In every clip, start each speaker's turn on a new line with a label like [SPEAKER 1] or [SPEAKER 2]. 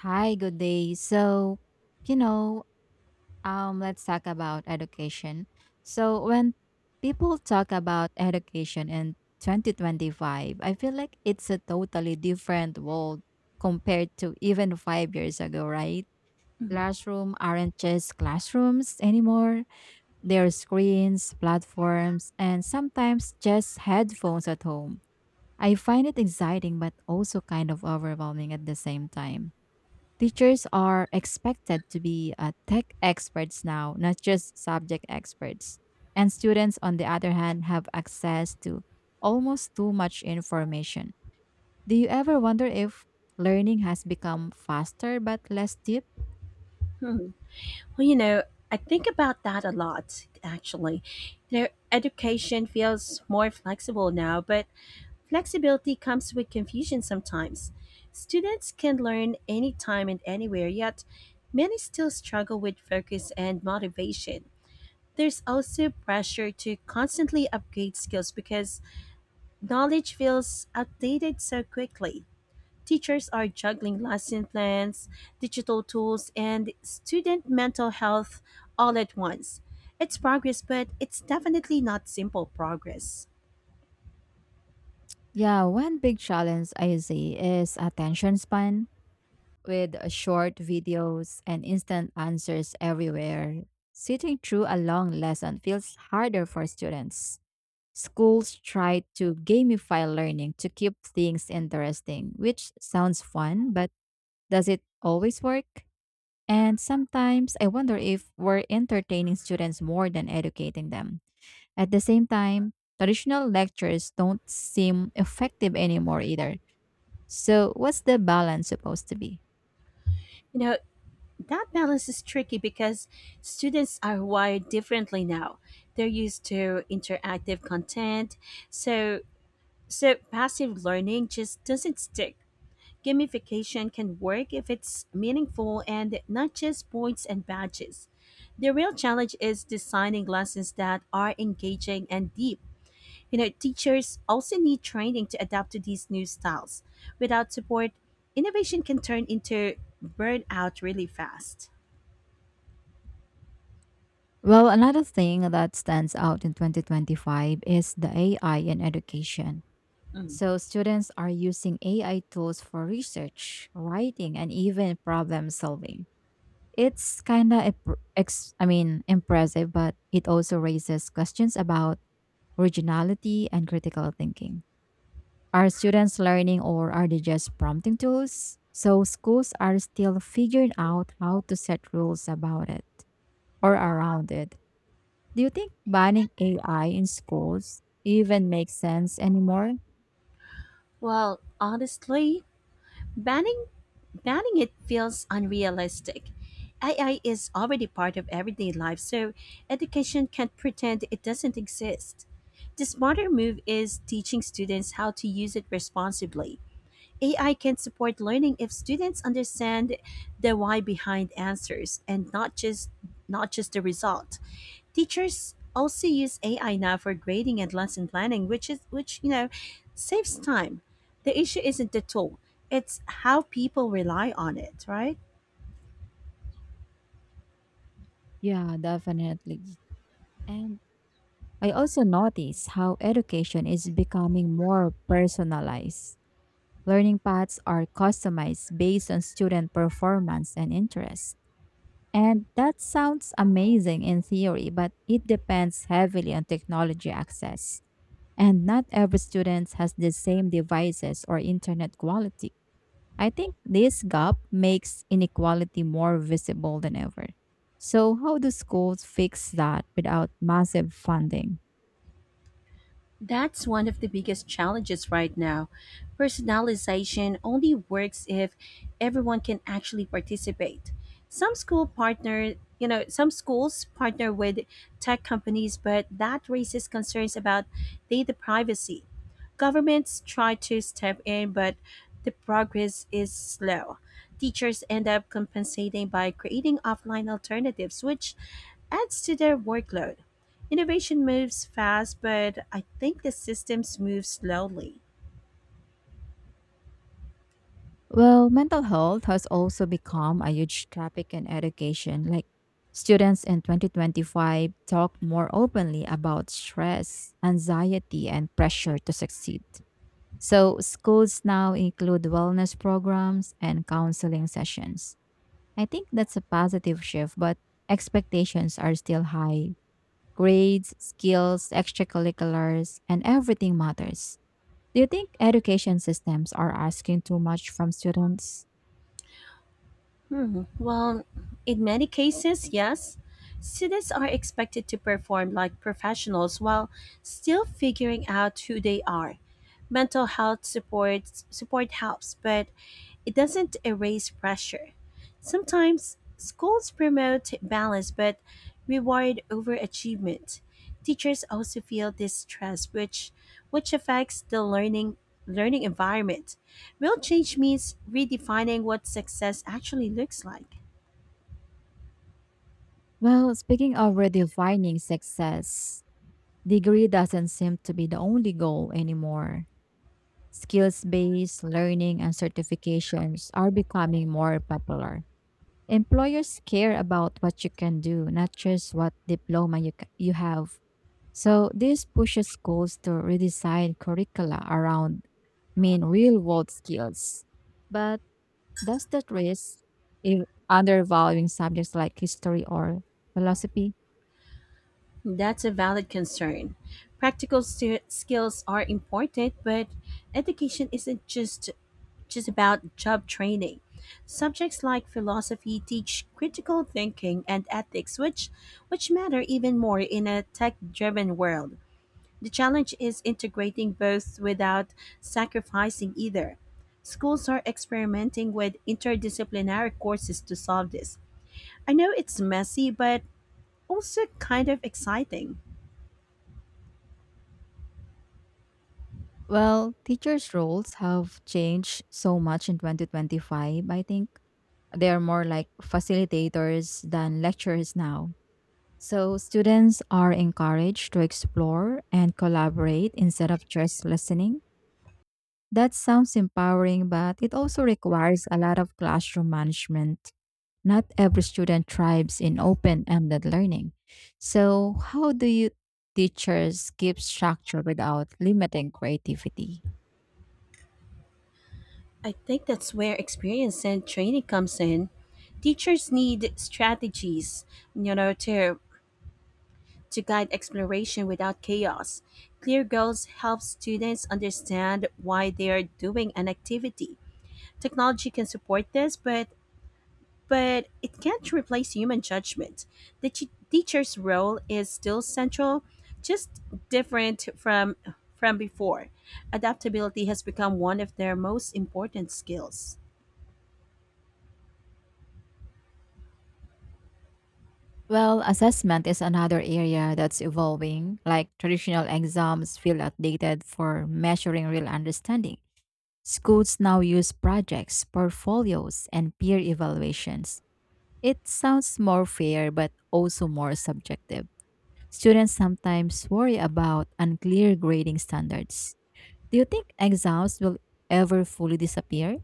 [SPEAKER 1] Hi, good day. So, you know, let's talk about education. So, when people talk about education in 2025, I feel like it's a totally different world compared to even 5 years ago, right?
[SPEAKER 2] Mhm.
[SPEAKER 1] Classroom aren't just classrooms anymore. There are screens, platforms, and sometimes just headphones at home. I find it exciting, but also kind of overwhelming at the same time. Teachers are expected to be tech experts now, not just subject experts. And students, on the other hand, have access to almost too much information. Do you ever wonder if learning has become faster but less deep?
[SPEAKER 2] Hmm. Well, I think about that a lot, actually. You know, education feels more flexible now, but flexibility comes with confusion sometimes. Students can learn anytime and anywhere, yet, many still struggle with focus and motivation. There's also pressure to constantly upgrade skills because knowledge feels outdated so quickly. Teachers are juggling lesson plans, digital tools, and student mental health all at once. It's progress, but it's definitely not simple progress.
[SPEAKER 1] Yeah, one big challenge I see is attention span with short videos and instant answers everywhere. Sitting through a long lesson feels harder for students. Schools try to gamify learning to keep things interesting, which sounds fun, but does it always work? And sometimes I wonder if we're entertaining students more than educating them. At the same time, traditional lectures don't seem effective anymore either. So, what's the balance supposed to be?
[SPEAKER 2] You know, that balance is tricky because students are wired differently now. They're used to interactive content, so so passive learning just doesn't stick. Gamification can work if it's meaningful and not just points and badges. The real challenge is designing lessons that are engaging and deep. You know, teachers also need training to adapt to these new styles. Without support, innovation can turn into burnout really fast.
[SPEAKER 1] Well, another thing that stands out in 2025 is the AI in education. So students are using AI tools for research, writing, and even problem solving. It's kind of I mean impressive, but it also raises questions about originality and critical thinking. Are students learning or are they just prompting tools? So schools are still figuring out how to set rules about it or around it. Do you think banning AI in schools even makes sense anymore?
[SPEAKER 2] Well, honestly, banning Planning it feels unrealistic. AI is already part of everyday life, so education can't pretend it doesn't exist. The smarter move is teaching students how to use it responsibly. AI can support learning if students understand the why behind answers and not just the result. Teachers also use AI now for grading and lesson planning, which saves time. The issue isn't the tool; it's how people rely on it, right?
[SPEAKER 1] Yeah, definitely. And I also notice how education is becoming more personalized. Learning paths are customized based on student performance and interest. And that sounds amazing in theory, but it depends heavily on technology access. And not every student has the same devices or internet quality. I think this gap makes inequality more visible than ever. So, how do schools fix that without massive funding?
[SPEAKER 2] That's one of the biggest challenges right now. Personalization only works if everyone can actually participate. Some school partner, some schools partner with tech companies, but that raises concerns about data privacy. Governments try to step in, but the progress is slow. Teachers end up compensating by creating offline alternatives, which adds to their workload. Innovation moves fast, but I think the systems move slowly.
[SPEAKER 1] Well, mental health has also become a huge topic in education. Like students in 2025 talk more openly about stress, anxiety, and pressure to succeed. So, schools now include wellness programs and counseling sessions. I think that's a positive shift, but expectations are still high. Grades, skills, extracurriculars, and everything matters. Do you think education systems are asking too much from students?
[SPEAKER 2] Hmm. Well, in many cases, yes. Students are expected to perform like professionals while still figuring out who they are. Mental health support helps, but it doesn't erase pressure. Sometimes schools promote balance but reward overachievement. Teachers also feel this stress which affects the learning environment. Real change means redefining what success actually looks like.
[SPEAKER 1] Well, speaking of redefining success, degree doesn't seem to be the only goal anymore. Skills based learning and certifications are becoming more popular. Employers care about what you can do, not just what diploma you have. So, this pushes schools to redesign curricula around main real world skills. But does that risk if undervaluing subjects like history or philosophy?
[SPEAKER 2] That's a valid concern. Skills are important, but education isn't just about job training. Subjects like philosophy teach critical thinking and ethics, which matter even more in a tech-driven world. The challenge is integrating both without sacrificing either. Schools are experimenting with interdisciplinary courses to solve this. I know it's messy, but also kind of exciting.
[SPEAKER 1] Well, teachers' roles have changed so much in 2025, I think. They are more like facilitators than lecturers now. So, students are encouraged to explore and collaborate instead of just listening. That sounds empowering, but it also requires a lot of classroom management. Not every student thrives in open ended learning. So, how do you teachers keep structure without limiting creativity?
[SPEAKER 2] I think that's where experience and training comes in. Teachers need strategies, you know, to to guide exploration without chaos. Clear goals help students understand why they are doing an activity. Technology can support this, but it can't replace human judgment. The teacher's role is still central, just different from before. Adaptability has become one of their most important skills.
[SPEAKER 1] Well, assessment is another area that's evolving. Like traditional exams feel outdated for measuring real understanding. Schools now use projects, portfolios, and peer evaluations. It sounds more fair, but also more subjective. Students sometimes worry about unclear grading standards. Do you think exams will ever fully disappear?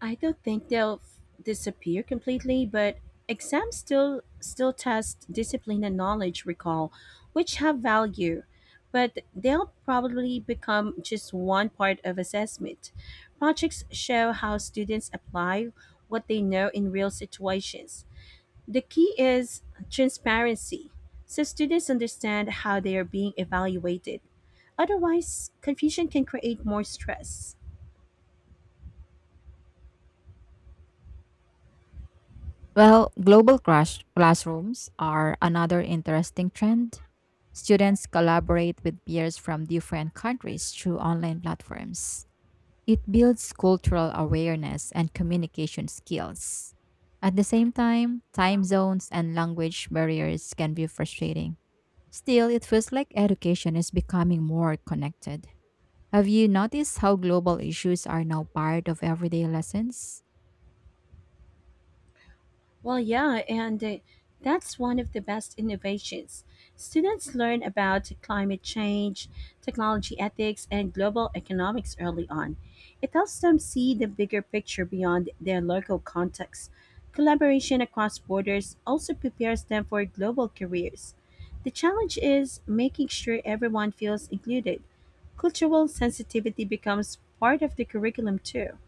[SPEAKER 2] I don't think they'll f- disappear completely, but exams still test discipline and knowledge recall, which have value, but they'll probably become just one part of assessment. Projects show how students apply what they know in real situations. The key is transparency, so students understand how they are being evaluated. Otherwise, confusion can create more stress.
[SPEAKER 1] Well, global crash classrooms are another interesting trend. Students collaborate with peers from different countries through online platforms. It builds cultural awareness and communication skills. At the same time, time zones and language barriers can be frustrating. Still, it feels like education is becoming more connected. Have you noticed how global issues are now part of everyday lessons?
[SPEAKER 2] Well, yeah, and that's one of the best innovations. Students learn about climate change, technology ethics, and global economics early on. It helps them see the bigger picture beyond their local context. Collaboration across borders also prepares them for global careers. The challenge is making sure everyone feels included. Cultural sensitivity becomes part of the curriculum, too.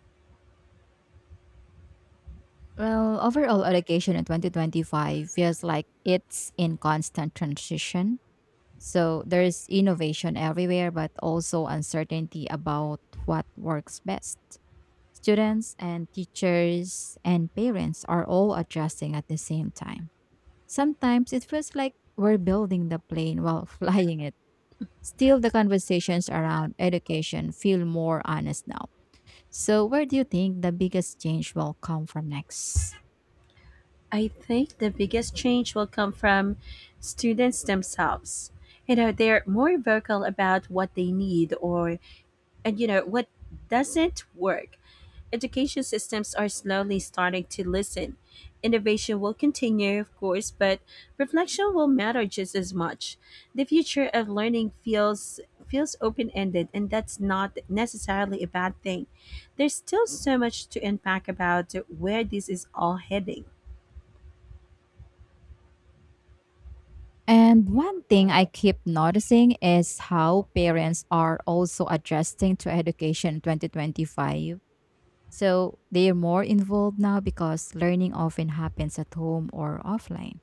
[SPEAKER 1] Well, overall, education in 2025 feels like it's in constant transition. So there's innovation everywhere, but also uncertainty about what works best. Students and teachers and parents are all adjusting at the same time. Sometimes it feels like we're building the plane while flying it. Still, the conversations around education feel more honest now. So, where do you think the biggest change will come from next?
[SPEAKER 2] I think the biggest change will come from students themselves. You know, they're more vocal about what they need or and you know what doesn't work. Education systems are slowly starting to listen. Innovation will continue, of course, but reflection will matter just as much. The future of learning feels open-ended, and that's not necessarily a bad thing. There's still so much to unpack about where this is all heading.
[SPEAKER 1] And one thing I keep noticing is how parents are also adjusting to education 2025. So they're more involved now because learning often happens at home or offline.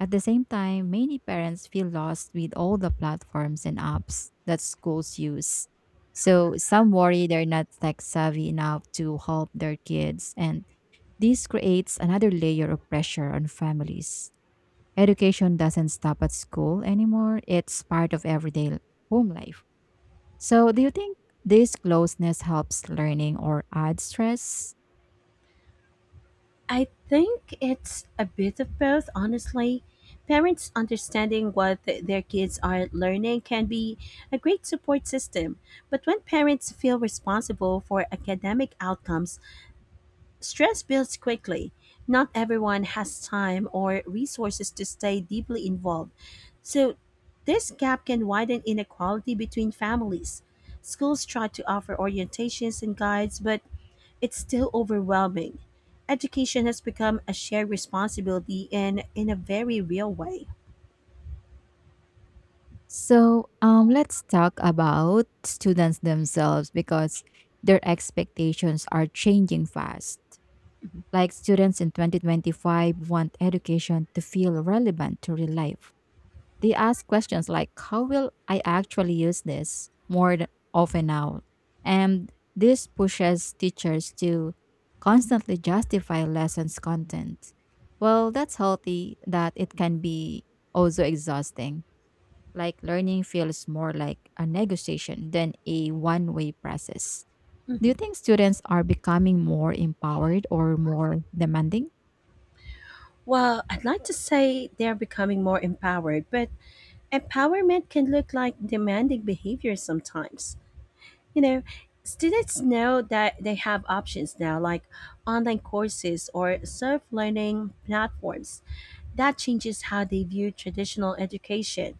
[SPEAKER 1] At the same time, many parents feel lost with all the platforms and apps that schools use. So some worry they're not tech savvy enough to help their kids, and this creates another layer of pressure on families. Education doesn't stop at school anymore, it's part of everyday home life. So, do you think this closeness helps learning or adds stress?
[SPEAKER 2] I think it's a bit of both, honestly. Parents understanding what their kids are learning can be a great support system, but when parents feel responsible for academic outcomes, stress builds quickly. Not everyone has time or resources to stay deeply involved, so this gap can widen inequality between families. Schools try to offer orientations and guides, but it's still overwhelming. Education has become a shared responsibility and in a very real way.
[SPEAKER 1] So, let's talk about students themselves because their expectations are changing fast. Like students in 2025 want education to feel relevant to real life. They ask questions like, how will I actually use this more often now? And this pushes teachers to constantly justify lessons content. Well, that's healthy that it can be also exhausting. Like learning feels more like a negotiation than a one way process. Do you
[SPEAKER 2] Mhm.
[SPEAKER 1] think students are becoming more empowered or more demanding?
[SPEAKER 2] Well, I'd like to say they're becoming more empowered, but empowerment can look like demanding behavior sometimes. You know, students know that they have options now, like online courses or self learning platforms. That changes how they view traditional education.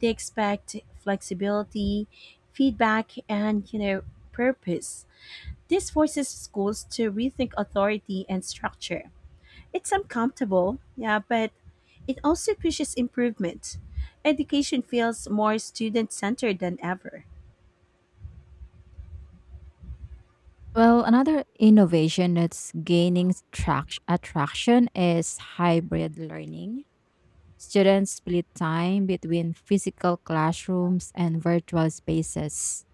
[SPEAKER 2] They expect flexibility, feedback, and, you know, purpose. This forces schools to rethink authority and structure. It's uncomfortable, yeah, but it also pushes improvement. Education feels more student-centered than ever.
[SPEAKER 1] Well, another innovation that's gaining attraction is hybrid learning. Students split time between physical classrooms and virtual spaces.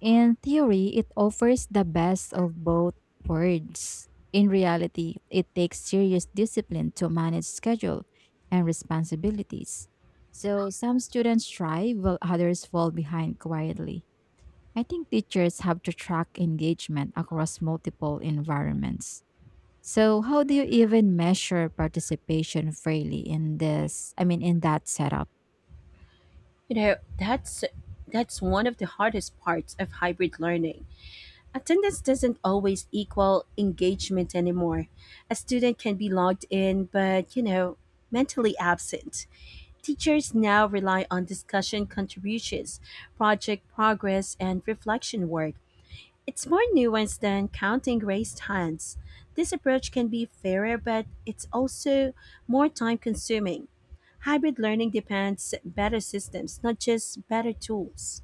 [SPEAKER 1] In theory, it offers the best of both worlds. In reality, it takes serious discipline to manage schedule and responsibilities. So, some students thrive while others fall behind quietly. I think teachers have to track engagement across multiple environments. So, how do you even measure participation fairly in this? I mean, in that setup?
[SPEAKER 2] You know, that's one of the hardest parts of hybrid learning. Attendance doesn't always equal engagement anymore. A student can be logged in but, you know, mentally absent. Teachers now rely on discussion contributions, project progress, and reflection work. It's more nuanced than counting raised hands. This approach can be fairer, but it's also more time consuming. Hybrid learning demands better systems, not just better tools.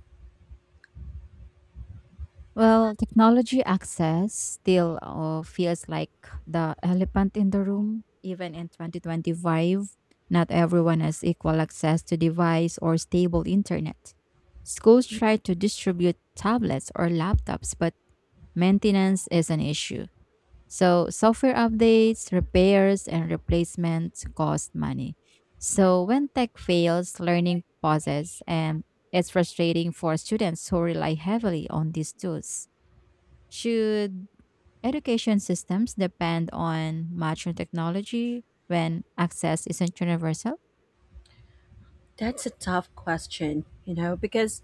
[SPEAKER 1] Well, technology access still feels like the elephant in the room, even in 2025. Not everyone has equal access to device or stable internet. Schools try to distribute tablets or laptops, but maintenance is an issue. So, software updates, repairs, and replacements cost money. So, when tech fails, learning pauses, and it's frustrating for students who rely heavily on these tools. Should education systems depend on mature technology when access isn't universal?
[SPEAKER 2] That's a tough question, you know, because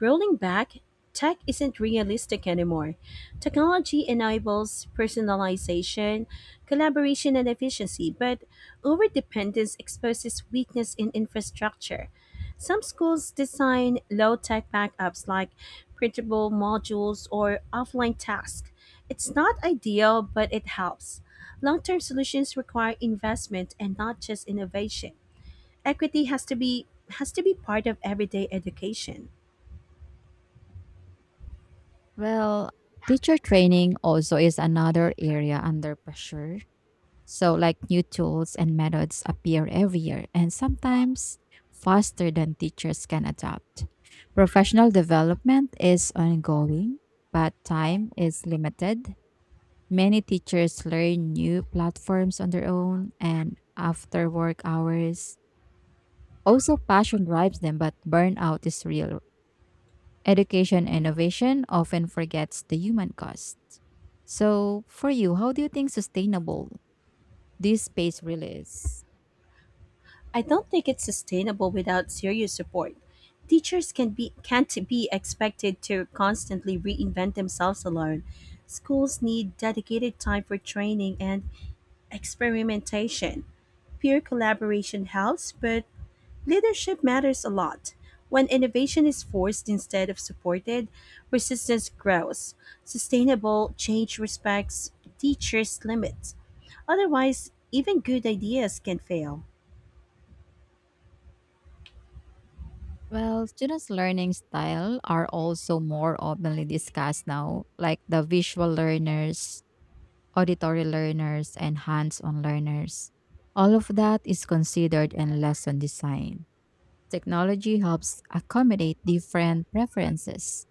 [SPEAKER 2] rolling back, tech isn't realistic anymore. Technology enables personalization, collaboration, and efficiency, but overdependence exposes weakness in infrastructure. Some schools design low tech backups like printable modules or offline tasks. It's not ideal, but it helps. Long term solutions require investment and not just innovation. Equity has to be part of everyday education.
[SPEAKER 1] Well, teacher training also is another area under pressure. So, like new tools and methods appear every year, and sometimes faster than teachers can adapt. Professional development is ongoing, but time is limited. Many teachers learn new platforms on their own and after work hours. Also, passion drives them, but burnout is real. Education innovation often forgets the human cost. So, for you, how do you think sustainable this space really is?
[SPEAKER 2] I don't think it's sustainable without serious support. Teachers can't be expected to constantly reinvent themselves alone. Schools need dedicated time for training and experimentation. Peer collaboration helps, but leadership matters a lot. When innovation is forced instead of supported, resistance grows. Sustainable change respects teachers' limits. Otherwise, even good ideas can fail.
[SPEAKER 1] Well, students' learning style are also more openly discussed now, like the visual learners, auditory learners, and hands-on learners. All of that is considered in lesson design. Technology helps accommodate different preferences.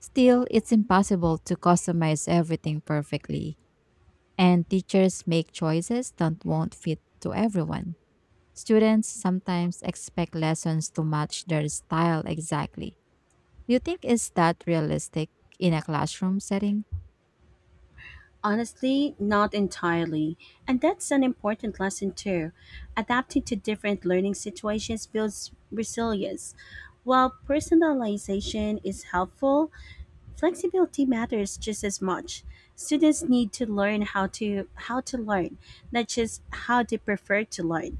[SPEAKER 1] Still, it's impossible to customize everything perfectly, and teachers make choices that won't fit to everyone. Students sometimes expect lessons to match their style exactly. Do you think is that realistic in a classroom setting?
[SPEAKER 2] Honestly, not entirely. And that's an important lesson too. Adapting to different learning situations builds resilience. While personalization is helpful, flexibility matters just as much. Students need to learn how to learn, not just how they prefer to learn.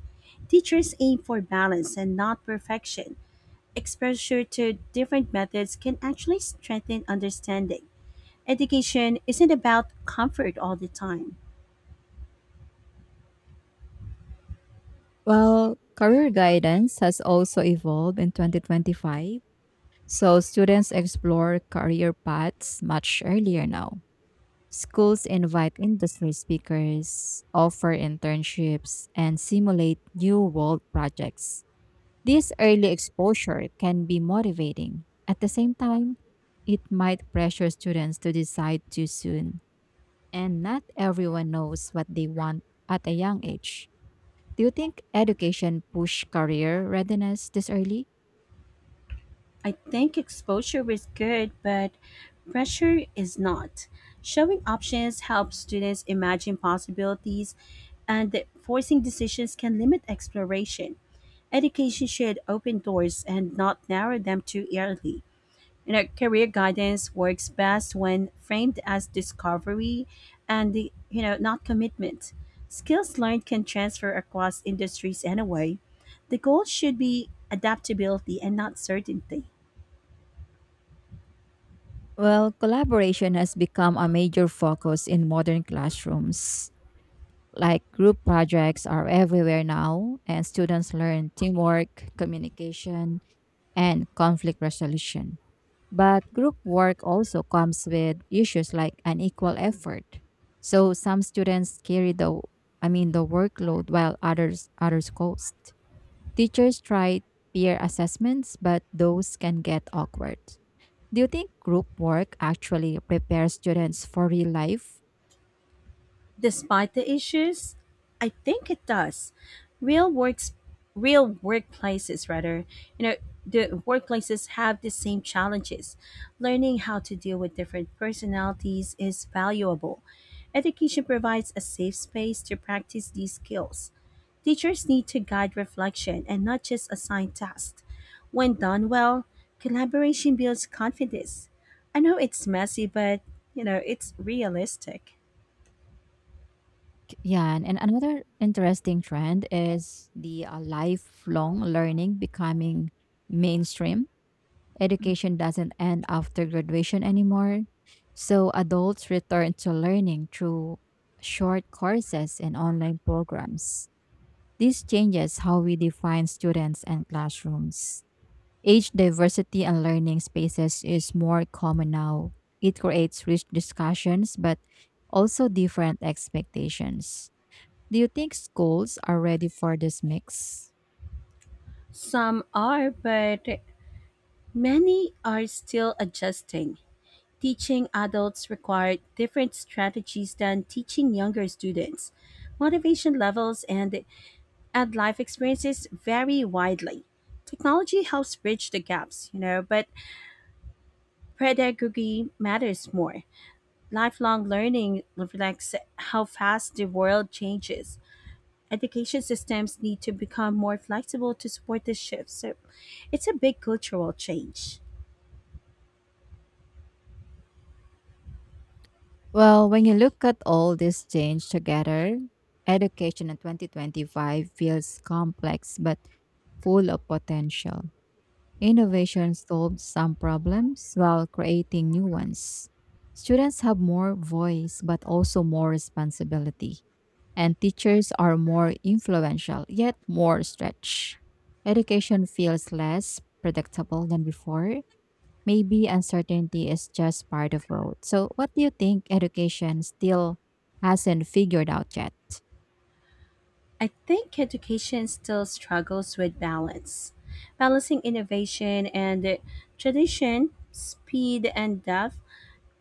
[SPEAKER 2] Teachers aim for balance and not perfection. Exposure to different methods can actually strengthen understanding. Education isn't about comfort all the time.
[SPEAKER 1] Well, career guidance has also evolved in 2025, so students explore career paths much earlier now. Schools invite industry speakers, offer internships, and simulate new world projects. This early exposure can be motivating. At the same time, it might pressure students to decide too soon and not everyone knows what they want at a young age. Do you think education push career readiness this early?
[SPEAKER 2] I think exposure is good, but pressure is not. Showing options helps students imagine possibilities, and that forcing decisions can limit exploration. Education should open doors and not narrow them too early. You know, career guidance works best when framed as discovery and, the, you know, not commitment. Skills learned can transfer across industries anyway. The goal should be adaptability and not certainty.
[SPEAKER 1] Well, collaboration has become a major focus in modern classrooms. Like group projects are everywhere now, and students learn teamwork, communication, and conflict resolution. But group work also comes with issues like unequal effort. So some students carry the I mean the workload while others coast. Teachers try peer assessments, but those can get awkward. Do you think group work actually prepares students for real life?
[SPEAKER 2] Despite the issues, I think it does. Real works, Real workplaces, rather, you know, the workplaces have the same challenges. Learning how to deal with different personalities is valuable. Education provides a safe space to practice these skills. Teachers need to guide reflection and not just assign tasks. When done well, collaboration builds confidence. I know it's messy, but you know, it's realistic.
[SPEAKER 1] Yeah, and another interesting trend is the lifelong learning becoming mainstream. Education doesn't end after graduation anymore, so adults return to learning through short courses and online programs. This changes how we define students and classrooms. Age diversity and learning spaces is more common now. It creates rich discussions but also different expectations. Do you think schools are ready for this mix?
[SPEAKER 2] Some are, but many are still adjusting. Teaching adults required different strategies than teaching younger students. Motivation levels and life experiences vary widely. Technology helps bridge the gaps, you know, but pedagogy matters more. Lifelong learning reflects how fast the world changes. Education systems need to become more flexible to support this shift. So it's a big cultural change.
[SPEAKER 1] Well, when you look at all this change together, education in 2025 feels complex but full of potential. Innovation solves some problems while creating new ones. Students have more voice but also more responsibility. And teachers are more influential yet more stretched. Education feels less predictable than before maybe uncertainty is just part of growth. So, what do you think education still hasn't figured out yet?
[SPEAKER 2] I think education still struggles with balance. Balancing innovation and tradition, speed and depth,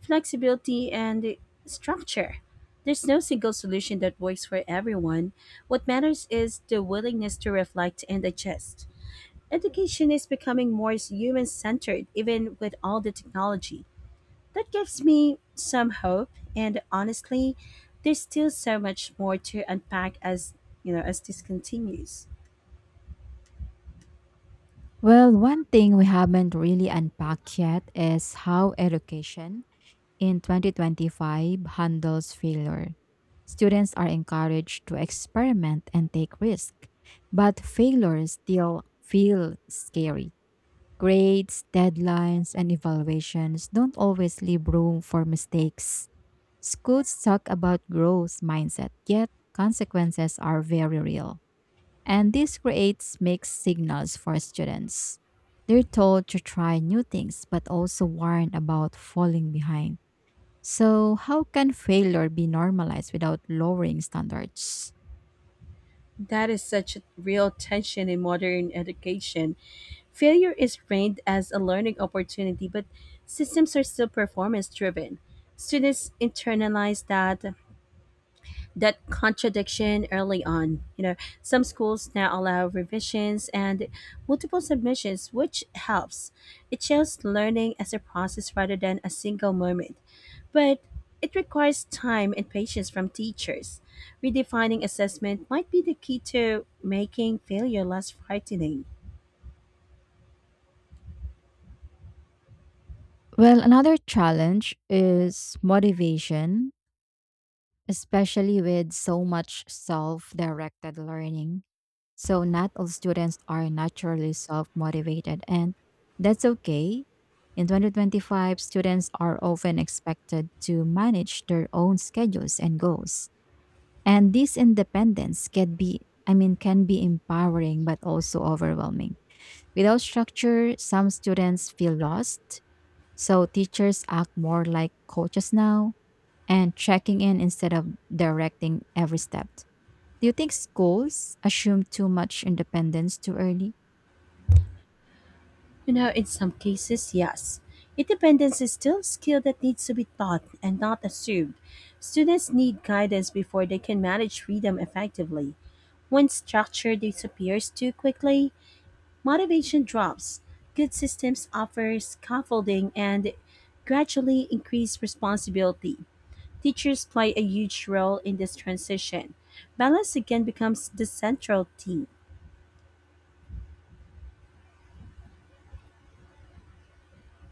[SPEAKER 2] flexibility and structure. There's no single solution that works for everyone. What matters is the willingness to reflect and adjust. Education is becoming more human centered, even with all the technology. That gives me some hope, and honestly, there's still so much more to unpack as, you know, as this continues.
[SPEAKER 1] Well, one thing we haven't really unpacked yet is how education in 2025 handles failure. Students are encouraged to experiment and take risks, but failures still feel scary. Grades, deadlines, and evaluations don't always leave room for mistakes. Schools talk about growth mindset, yet consequences are very real. And this creates mixed signals for students. They're told to try new things, but also warned about falling behind. So, how can failure be normalized without lowering standards?
[SPEAKER 2] That is such a real tension in modern education. Failure is framed as a learning opportunity, but systems are still performance driven. Students internalize that contradiction early on. You know, some schools now allow revisions and multiple submissions, which helps. It shows learning as a process rather than a single moment. But it requires time and patience from teachers. Redefining assessment might be the key to making failure less frightening.
[SPEAKER 1] Well, another challenge is motivation, especially with so much self directed learning. So not all students are naturally self-motivated and that's okay. In 2025, students are often expected to manage their own schedules and goals. And this independence can be, I mean, can be empowering but also overwhelming. Without structure, some students feel lost. So teachers act more like coaches now and checking in instead of directing every step. Do you think schools assume too much independence too early?
[SPEAKER 2] You know, in some cases, yes. Independence is still a skill that needs to be taught and not assumed. Students need guidance before they can manage freedom effectively. When structure disappears too quickly, motivation drops. Good systems offer scaffolding and gradually increase responsibility. Teachers play a huge role in this transition. Balance again becomes the central theme.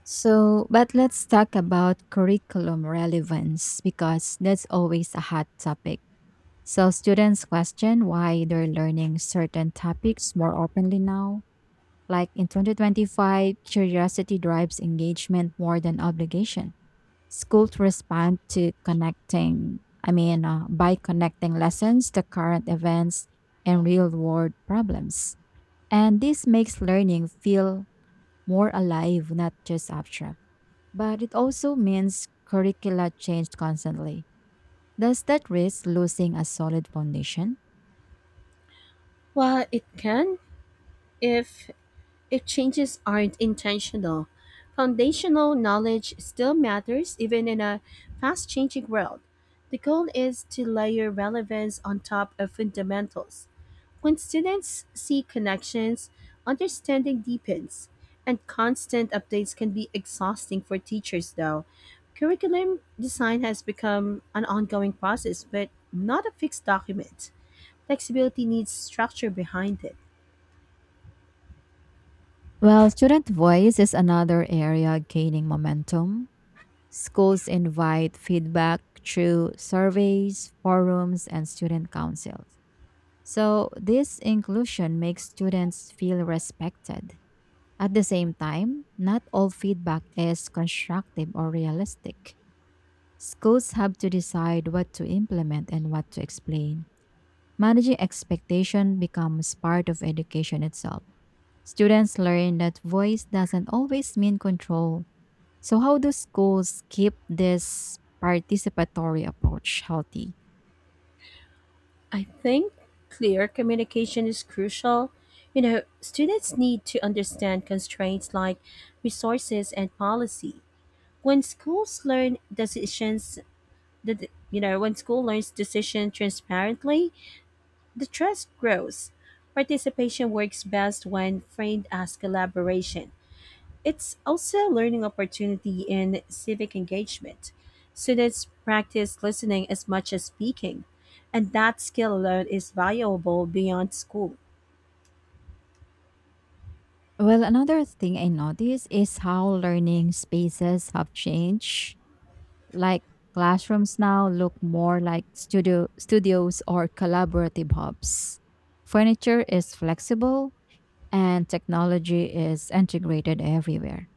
[SPEAKER 1] So, but let's talk about curriculum relevance because that's always a hot topic. So, students question why they're learning certain topics more openly now. Like in 2025, curiosity drives engagement more than obligation. Schools respond to connecting, I mean, by connecting lessons to current events and real world problems. And this makes learning feel more alive, not just abstract. But it also means curricula changed constantly. Does that risk losing a solid foundation?
[SPEAKER 2] Well, it can if If changes aren't intentional. Foundational knowledge still matters even in a fast changing world. The goal is to layer relevance on top of fundamentals. When students see connections, understanding deepens, and constant updates can be exhausting for teachers, though. Curriculum design has become an ongoing process, but not a fixed document. Flexibility needs structure behind it.
[SPEAKER 1] Well, student voice is another area gaining momentum. Schools invite feedback through surveys, forums, and student councils. So, this inclusion makes students feel respected. At the same time, not all feedback is constructive or realistic. Schools have to decide what to implement and what to explain. Managing expectation becomes part of education itself. Students learn that voice doesn't always mean control. So how do schools keep this participatory approach healthy?
[SPEAKER 2] I think clear communication is crucial. You know, students need to understand constraints like resources and policy. When schools learn decisions, when school learns decision transparently, the trust grows. Participation works best when framed as collaboration. It's also a learning opportunity in civic engagement. Students practice listening as much as speaking, and that skill alone is valuable beyond school.
[SPEAKER 1] Well, another thing I notice is how learning spaces have changed. Like classrooms now look more like studios or collaborative hubs. Furniture is flexible, and technology is integrated everywhere.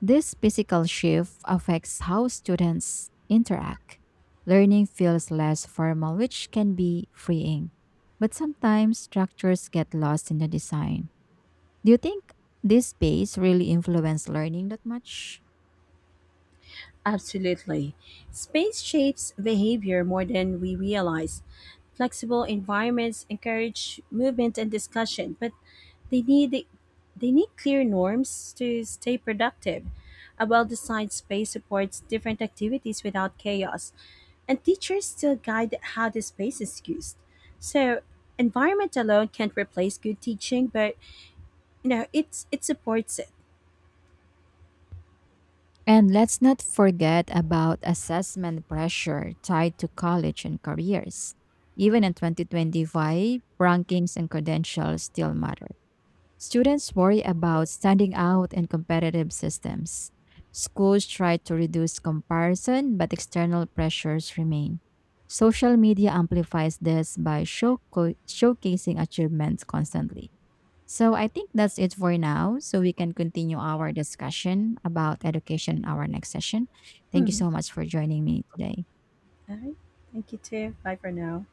[SPEAKER 1] This physical shift affects how students interact. Learning feels less formal, which can be freeing, but sometimes structures get lost in the design. Do you think this space really influenced learning that much?
[SPEAKER 2] Absolutely. Space shapes behavior more than we realize. Flexible environments encourage movement and discussion, but they need they need clear norms to stay productive. A well-designed space supports different activities without chaos, and teachers still guide how the space is used. So environment alone can't replace good teaching, but you know it supports it.
[SPEAKER 1] And let's not forget about assessment pressure tied to college and careers. Even in 2025, rankings and credentials still matter. Students worry about standing out in competitive systems. Schools try to reduce comparison, but external pressures remain. Social media amplifies this by showcasing achievements constantly. So, I think that's it for now. So, we can continue our discussion about education in our next session. Thank you
[SPEAKER 2] Mhm.
[SPEAKER 1] so much for joining me today.
[SPEAKER 2] All right, thank you too. Bye for now.